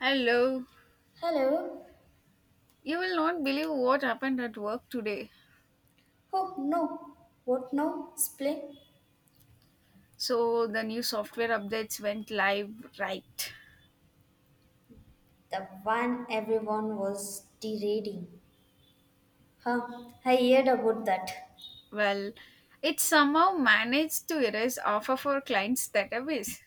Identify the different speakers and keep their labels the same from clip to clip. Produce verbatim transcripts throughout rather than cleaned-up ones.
Speaker 1: Hello.
Speaker 2: Hello.
Speaker 1: You will not believe what happened at work today.
Speaker 2: Oh no. What now? Splay?
Speaker 1: So, the new software updates went live, right?
Speaker 2: The one everyone was deriding. Huh? I heard about that.
Speaker 1: Well, it somehow managed to erase half of our clients' database.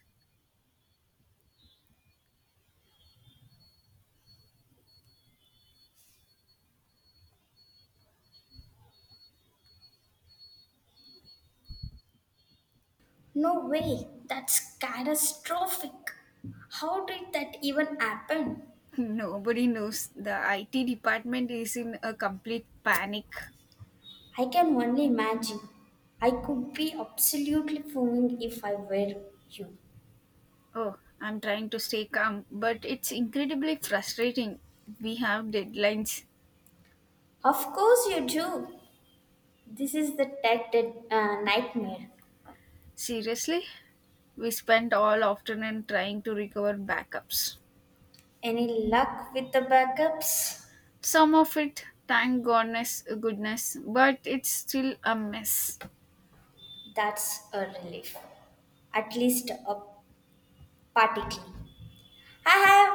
Speaker 2: No way. That's catastrophic. How did that even happen?
Speaker 1: Nobody knows. The I T department is in a complete panic.
Speaker 2: I can only imagine. I could be absolutely fuming if I were you.
Speaker 1: Oh, I'm trying to stay calm, but it's incredibly frustrating. We have deadlines.
Speaker 2: Of course you do. This is the tech dead, uh, nightmare.
Speaker 1: Seriously? We spent all afternoon trying to recover backups.
Speaker 2: Any luck with the backups?
Speaker 1: Some of it, thank goodness, goodness, but it's still a mess.
Speaker 2: That's a relief. At least a particle. I have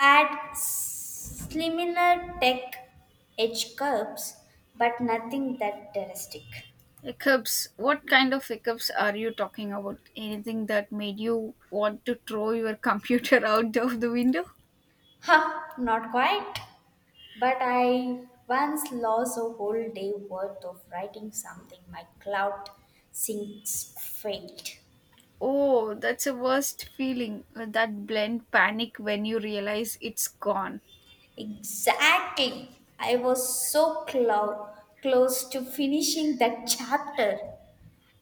Speaker 2: had similar tech edge curves, but nothing that drastic.
Speaker 1: Hiccups. What kind of hiccups are you talking about? Anything that made you want to throw your computer out of the window?
Speaker 2: Huh, not quite. But I once lost a whole day worth of writing something my cloud syncs failed.
Speaker 1: Oh, that's a worst feeling. That blend panic when you realize it's gone.
Speaker 2: Exactly. I was so clo- close to finishing that chapter.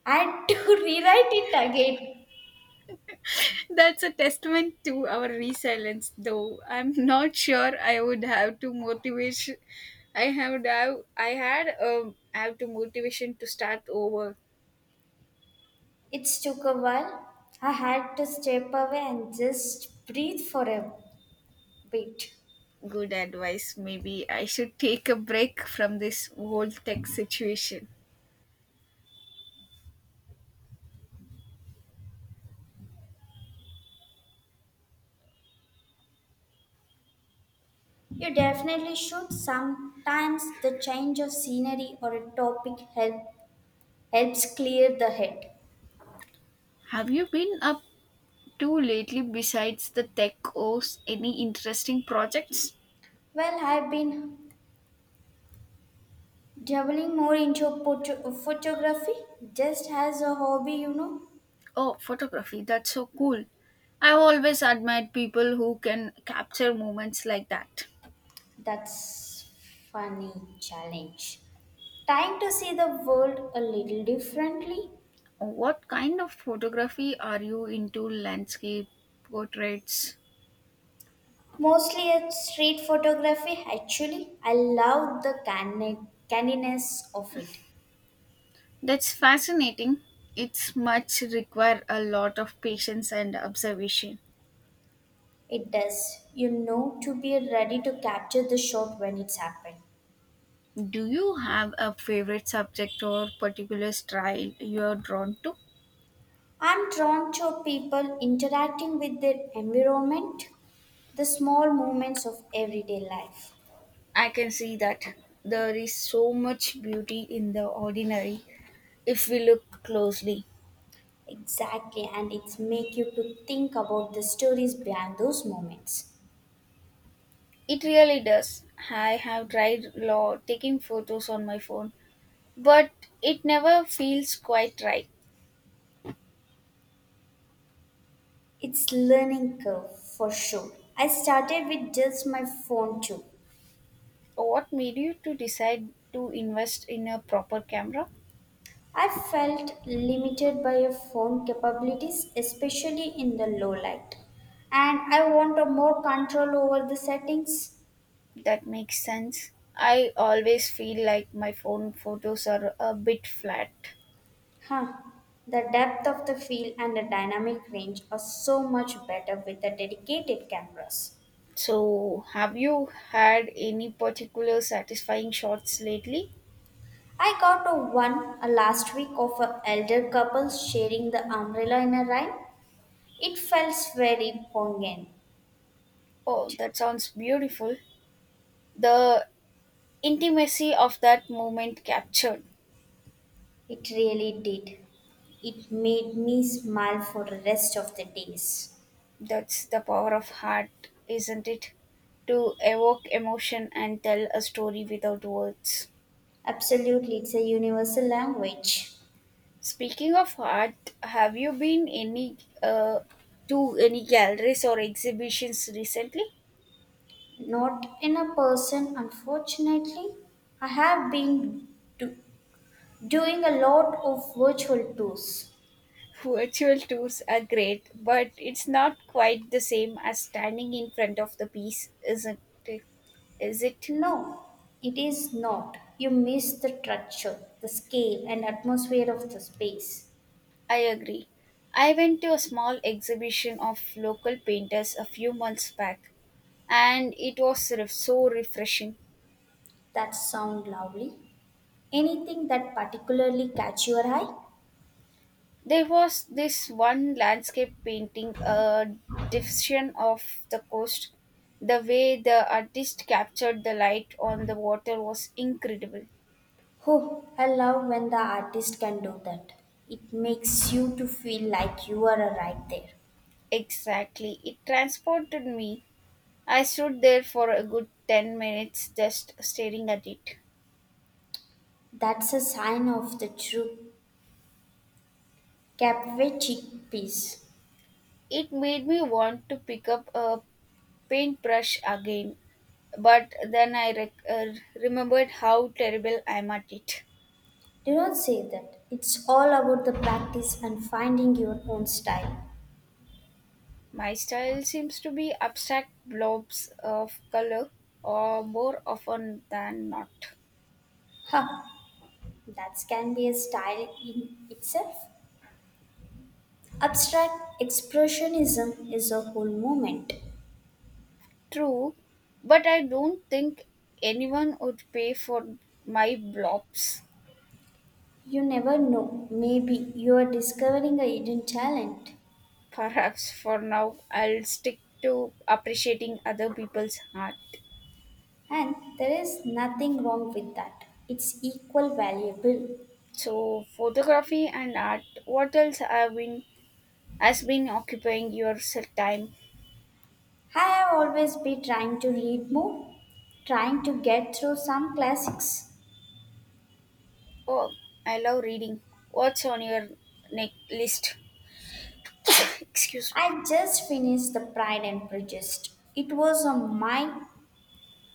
Speaker 2: I had to rewrite it again.
Speaker 1: That's a testament to our resilience, though. I'm not sure I would have to motivation. I have I had um, have to motivation to start over.
Speaker 2: It took a while. I had to step away and just breathe for a bit.
Speaker 1: Good advice. Maybe I should take a break from this whole tech situation.
Speaker 2: You definitely should. Sometimes the change of scenery or a topic help, helps clear the head.
Speaker 1: Have you been up to lately besides the tech O's? Any interesting projects?
Speaker 2: Well, I've been dabbling more into photo- photography just as a hobby, you know.
Speaker 1: Oh, photography. That's so cool. I've always admired people who can capture moments like that.
Speaker 2: That's funny challenge. Trying to see the world a little differently.
Speaker 1: What kind of photography are you into? Landscape, portraits?
Speaker 2: Mostly it's street photography. Actually, I love the canny- canniness of it.
Speaker 1: That's fascinating. It's much require a lot of patience and observation.
Speaker 2: It does, you know, to be ready to capture the shot when it's happened.
Speaker 1: Do you have a favorite subject or particular style you are drawn to?
Speaker 2: I'm drawn to people interacting with their environment, the small moments of everyday life.
Speaker 1: I can see that there is so much beauty in the ordinary if we look closely.
Speaker 2: Exactly, and it's make you to think about the stories behind those moments.
Speaker 1: It really does. I have tried law taking photos on my phone, but it never feels quite right.
Speaker 2: It's learning curve for sure. I started with just my phone too.
Speaker 1: What made you to decide to invest in a proper camera?
Speaker 2: I felt limited by your phone capabilities, especially in the low light. And I want a more control over the settings.
Speaker 1: That makes sense. I always feel like my phone photos are a bit flat.
Speaker 2: Huh. The depth of the field and the dynamic range are so much better with the dedicated cameras.
Speaker 1: So, have you had any particular satisfying shots lately?
Speaker 2: I got a one a last week of a elder couple sharing the umbrella in a rain. It felt very poignant.
Speaker 1: Oh, that sounds beautiful. The intimacy of that moment captured.
Speaker 2: It really did. It made me smile for the rest of the days.
Speaker 1: That's the power of heart, isn't it? To evoke emotion and tell a story without words.
Speaker 2: Absolutely, it's a universal language.
Speaker 1: Speaking of art, have you been any uh, to any galleries or exhibitions recently?
Speaker 2: Not in a person, unfortunately. I have been do- doing a lot of virtual tours.
Speaker 1: Virtual tours are great, but it's not quite the same as standing in front of the piece, isn't it? Is it?
Speaker 2: No, it is not. You miss the structure, the scale, and atmosphere of the space.
Speaker 1: I agree. I went to a small exhibition of local painters a few months back, and it was re- so refreshing.
Speaker 2: That sound lovely. Anything that particularly catch your eye?
Speaker 1: There was this one landscape painting, a depiction of the coast. The way the artist captured the light on the water was incredible.
Speaker 2: Oh, I love when the artist can do that. It makes you to feel like you are right there.
Speaker 1: Exactly. It transported me. I stood there for a good ten minutes just staring at it.
Speaker 2: That's a sign of the true Capvechik peace.
Speaker 1: It made me want to pick up a paintbrush again, but then I rec- uh, remembered how terrible I am at it.
Speaker 2: Do not say that. It's all about the practice and finding your own style.
Speaker 1: My style seems to be abstract blobs of color, or more often than not.
Speaker 2: Ha! That can be a style in itself. Abstract expressionism is a whole movement.
Speaker 1: True, but I don't think anyone would pay for my blobs.
Speaker 2: You never know. Maybe you are discovering a hidden talent.
Speaker 1: Perhaps for now, I'll stick to appreciating other people's art.
Speaker 2: And there is nothing wrong with that. It's equal valuable.
Speaker 1: So, photography and art. What else have been has been occupying your s- time?
Speaker 2: I have always been trying to read more, trying to get through some classics.
Speaker 1: Oh, I love reading. What's on your neck list? Excuse me.
Speaker 2: I just finished The Pride and Prejudice. It was uh, my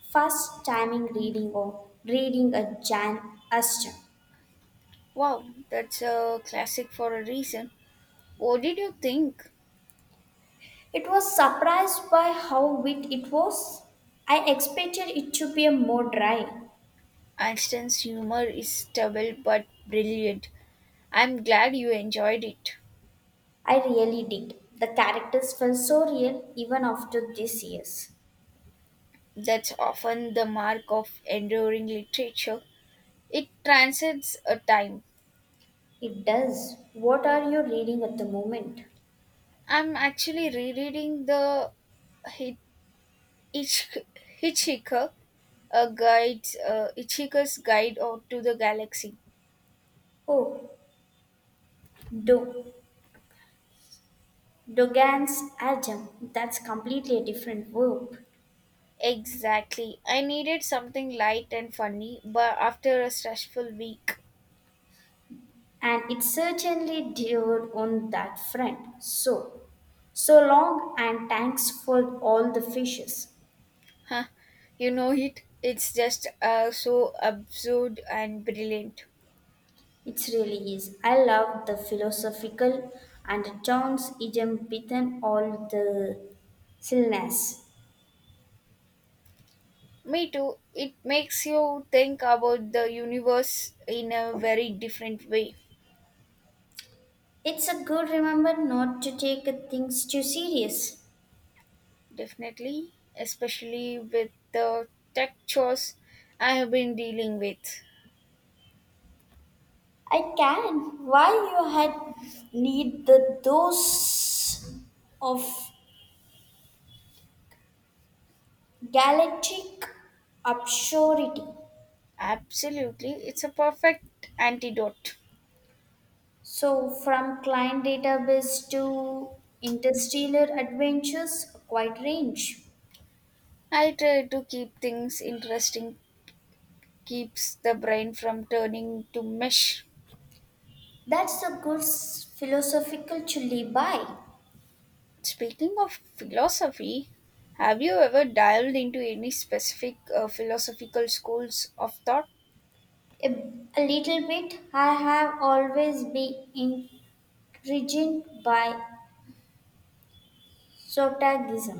Speaker 2: first time in reading or reading a Jan Austen.
Speaker 1: Wow, that's a classic for a reason. What did you think?
Speaker 2: It was surprised by how wit it was. I expected it to be a more dry.
Speaker 1: Einstein's humor is stubble but brilliant. I'm glad you enjoyed it.
Speaker 2: I really did. The characters felt so real even after these years.
Speaker 1: That's often the mark of enduring literature. It transcends a time.
Speaker 2: It does. What are you reading at the moment?
Speaker 1: I'm actually rereading the Hi- Hitch- Hitchhiker, a guide's uh, Hitchhiker's Guide out to the Galaxy.
Speaker 2: Oh, do. Dogan's Ajam, that's completely a different verb.
Speaker 1: Exactly. I needed something light and funny, but after a stressful week,
Speaker 2: And it certainly did on that front. So, so long and thanks for all the fishes.
Speaker 1: huh, you know it. It's just uh, so absurd and brilliant.
Speaker 2: It really is. I love the philosophical and John's idiom beaten all the silliness.
Speaker 1: Me too. It makes you think about the universe in a very different way.
Speaker 2: It's a good remember not to take things too serious.
Speaker 1: Definitely, especially with the tech chores I have been dealing with.
Speaker 2: I can. Why you had need the dose of Galactic obscurity.
Speaker 1: Absolutely, it's a perfect antidote.
Speaker 2: So, from client database to interstellar adventures, a quite range.
Speaker 1: I try to keep things interesting, keeps the brain from turning to mush.
Speaker 2: That's a good s- philosophical chili by.
Speaker 1: Speaking of philosophy, have you ever dived into any specific uh, philosophical schools of thought?
Speaker 2: A, a little bit, I have always been intrigued by sotagism.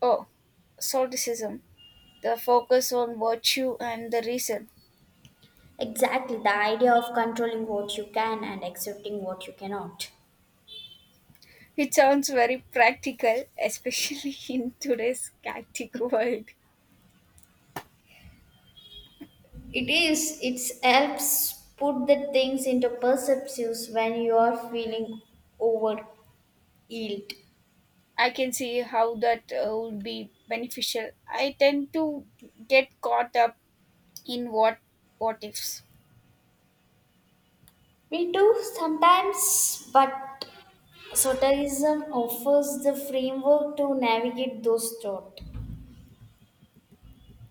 Speaker 1: Oh, Solipsism, the focus on virtue and the reason.
Speaker 2: Exactly, the idea of controlling what you can and accepting what you cannot.
Speaker 1: It sounds very practical, especially in today's hectic world.
Speaker 2: It is. It helps put the things into perspectives when you are feeling over yield.
Speaker 1: I can see how that uh, would be beneficial. I tend to get caught up in what what ifs.
Speaker 2: We do sometimes, but soterism offers the framework to navigate those thoughts.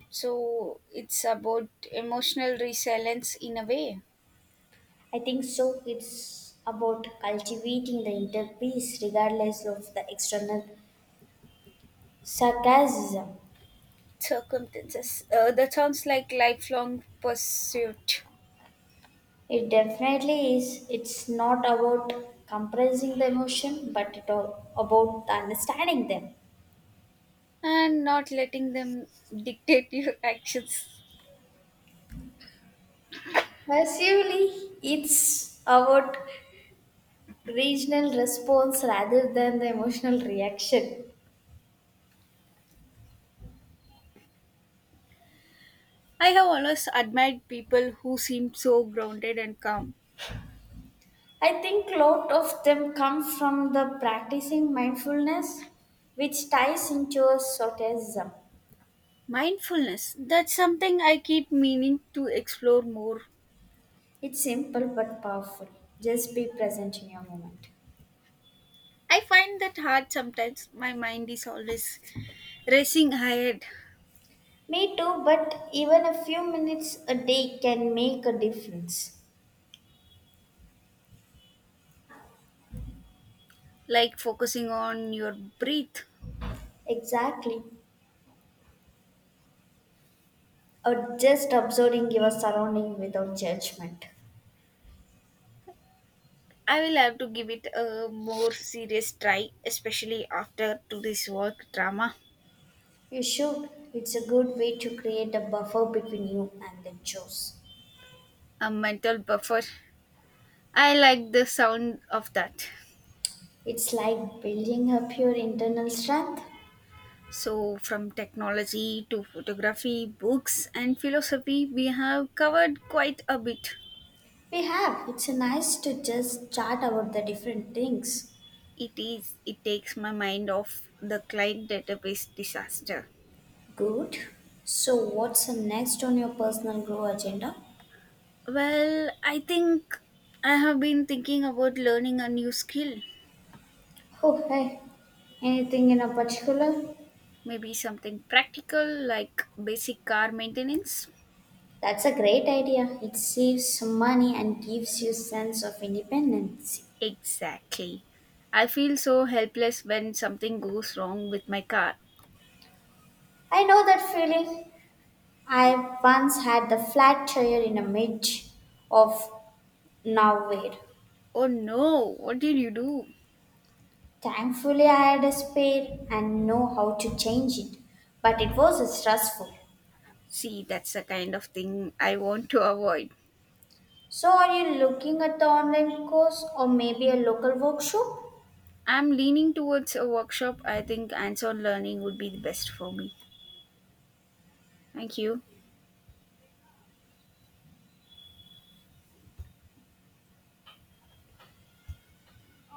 Speaker 1: So it's about emotional resilience in a way.
Speaker 2: I think so. It's about cultivating the inner peace regardless of the external sarcasm.
Speaker 1: Circumstances. Uh, that sounds like lifelong pursuit,
Speaker 2: It definitely is. It's not about compressing the emotion, but it all about understanding them.
Speaker 1: and not letting them dictate your actions.
Speaker 2: Massively, it's about regional response rather than the emotional reaction.
Speaker 1: I have always admired people who seem so grounded and calm.
Speaker 2: I think a lot of them come from the practicing mindfulness, which ties into a Sotism.
Speaker 1: Mindfulness, that's something I keep meaning to explore more.
Speaker 2: It's simple but powerful. Just be present in your moment.
Speaker 1: I find that hard sometimes. My mind is always racing ahead,
Speaker 2: Me too, but even a few minutes a day can make a difference.
Speaker 1: like focusing on your breath.
Speaker 2: Exactly. Or just observing your surrounding without judgment.
Speaker 1: I will have to give it a more serious try, especially after today's work drama.
Speaker 2: You should. It's a good way to create a buffer between you and the chores.
Speaker 1: A mental buffer. I like the sound of that.
Speaker 2: It's like building up your internal strength.
Speaker 1: So, from technology to photography, books, and philosophy, we have covered quite a bit.
Speaker 2: We have. It's nice to just chat about the different things.
Speaker 1: It is. It takes my mind off the client database disaster.
Speaker 2: Good. So, what's next on your personal grow agenda?
Speaker 1: Well, I think I have been thinking about learning a new skill.
Speaker 2: Oh, hey. Anything in a particular?
Speaker 1: Maybe something practical like basic car maintenance.
Speaker 2: That's a great idea. It saves money and gives you sense of independence.
Speaker 1: Exactly. I feel so helpless when something goes wrong with my car.
Speaker 2: I know that feeling. I once had the flat tire in the mid of nowhere.
Speaker 1: Oh no, what did you do?
Speaker 2: Thankfully, I had a spare and know how to change it, but it was stressful.
Speaker 1: See, that's the kind of thing I want to avoid.
Speaker 2: So, are you looking at the online course or maybe a local workshop?
Speaker 1: I'm leaning towards a workshop. I think hands on learning would be the best for me. Thank you.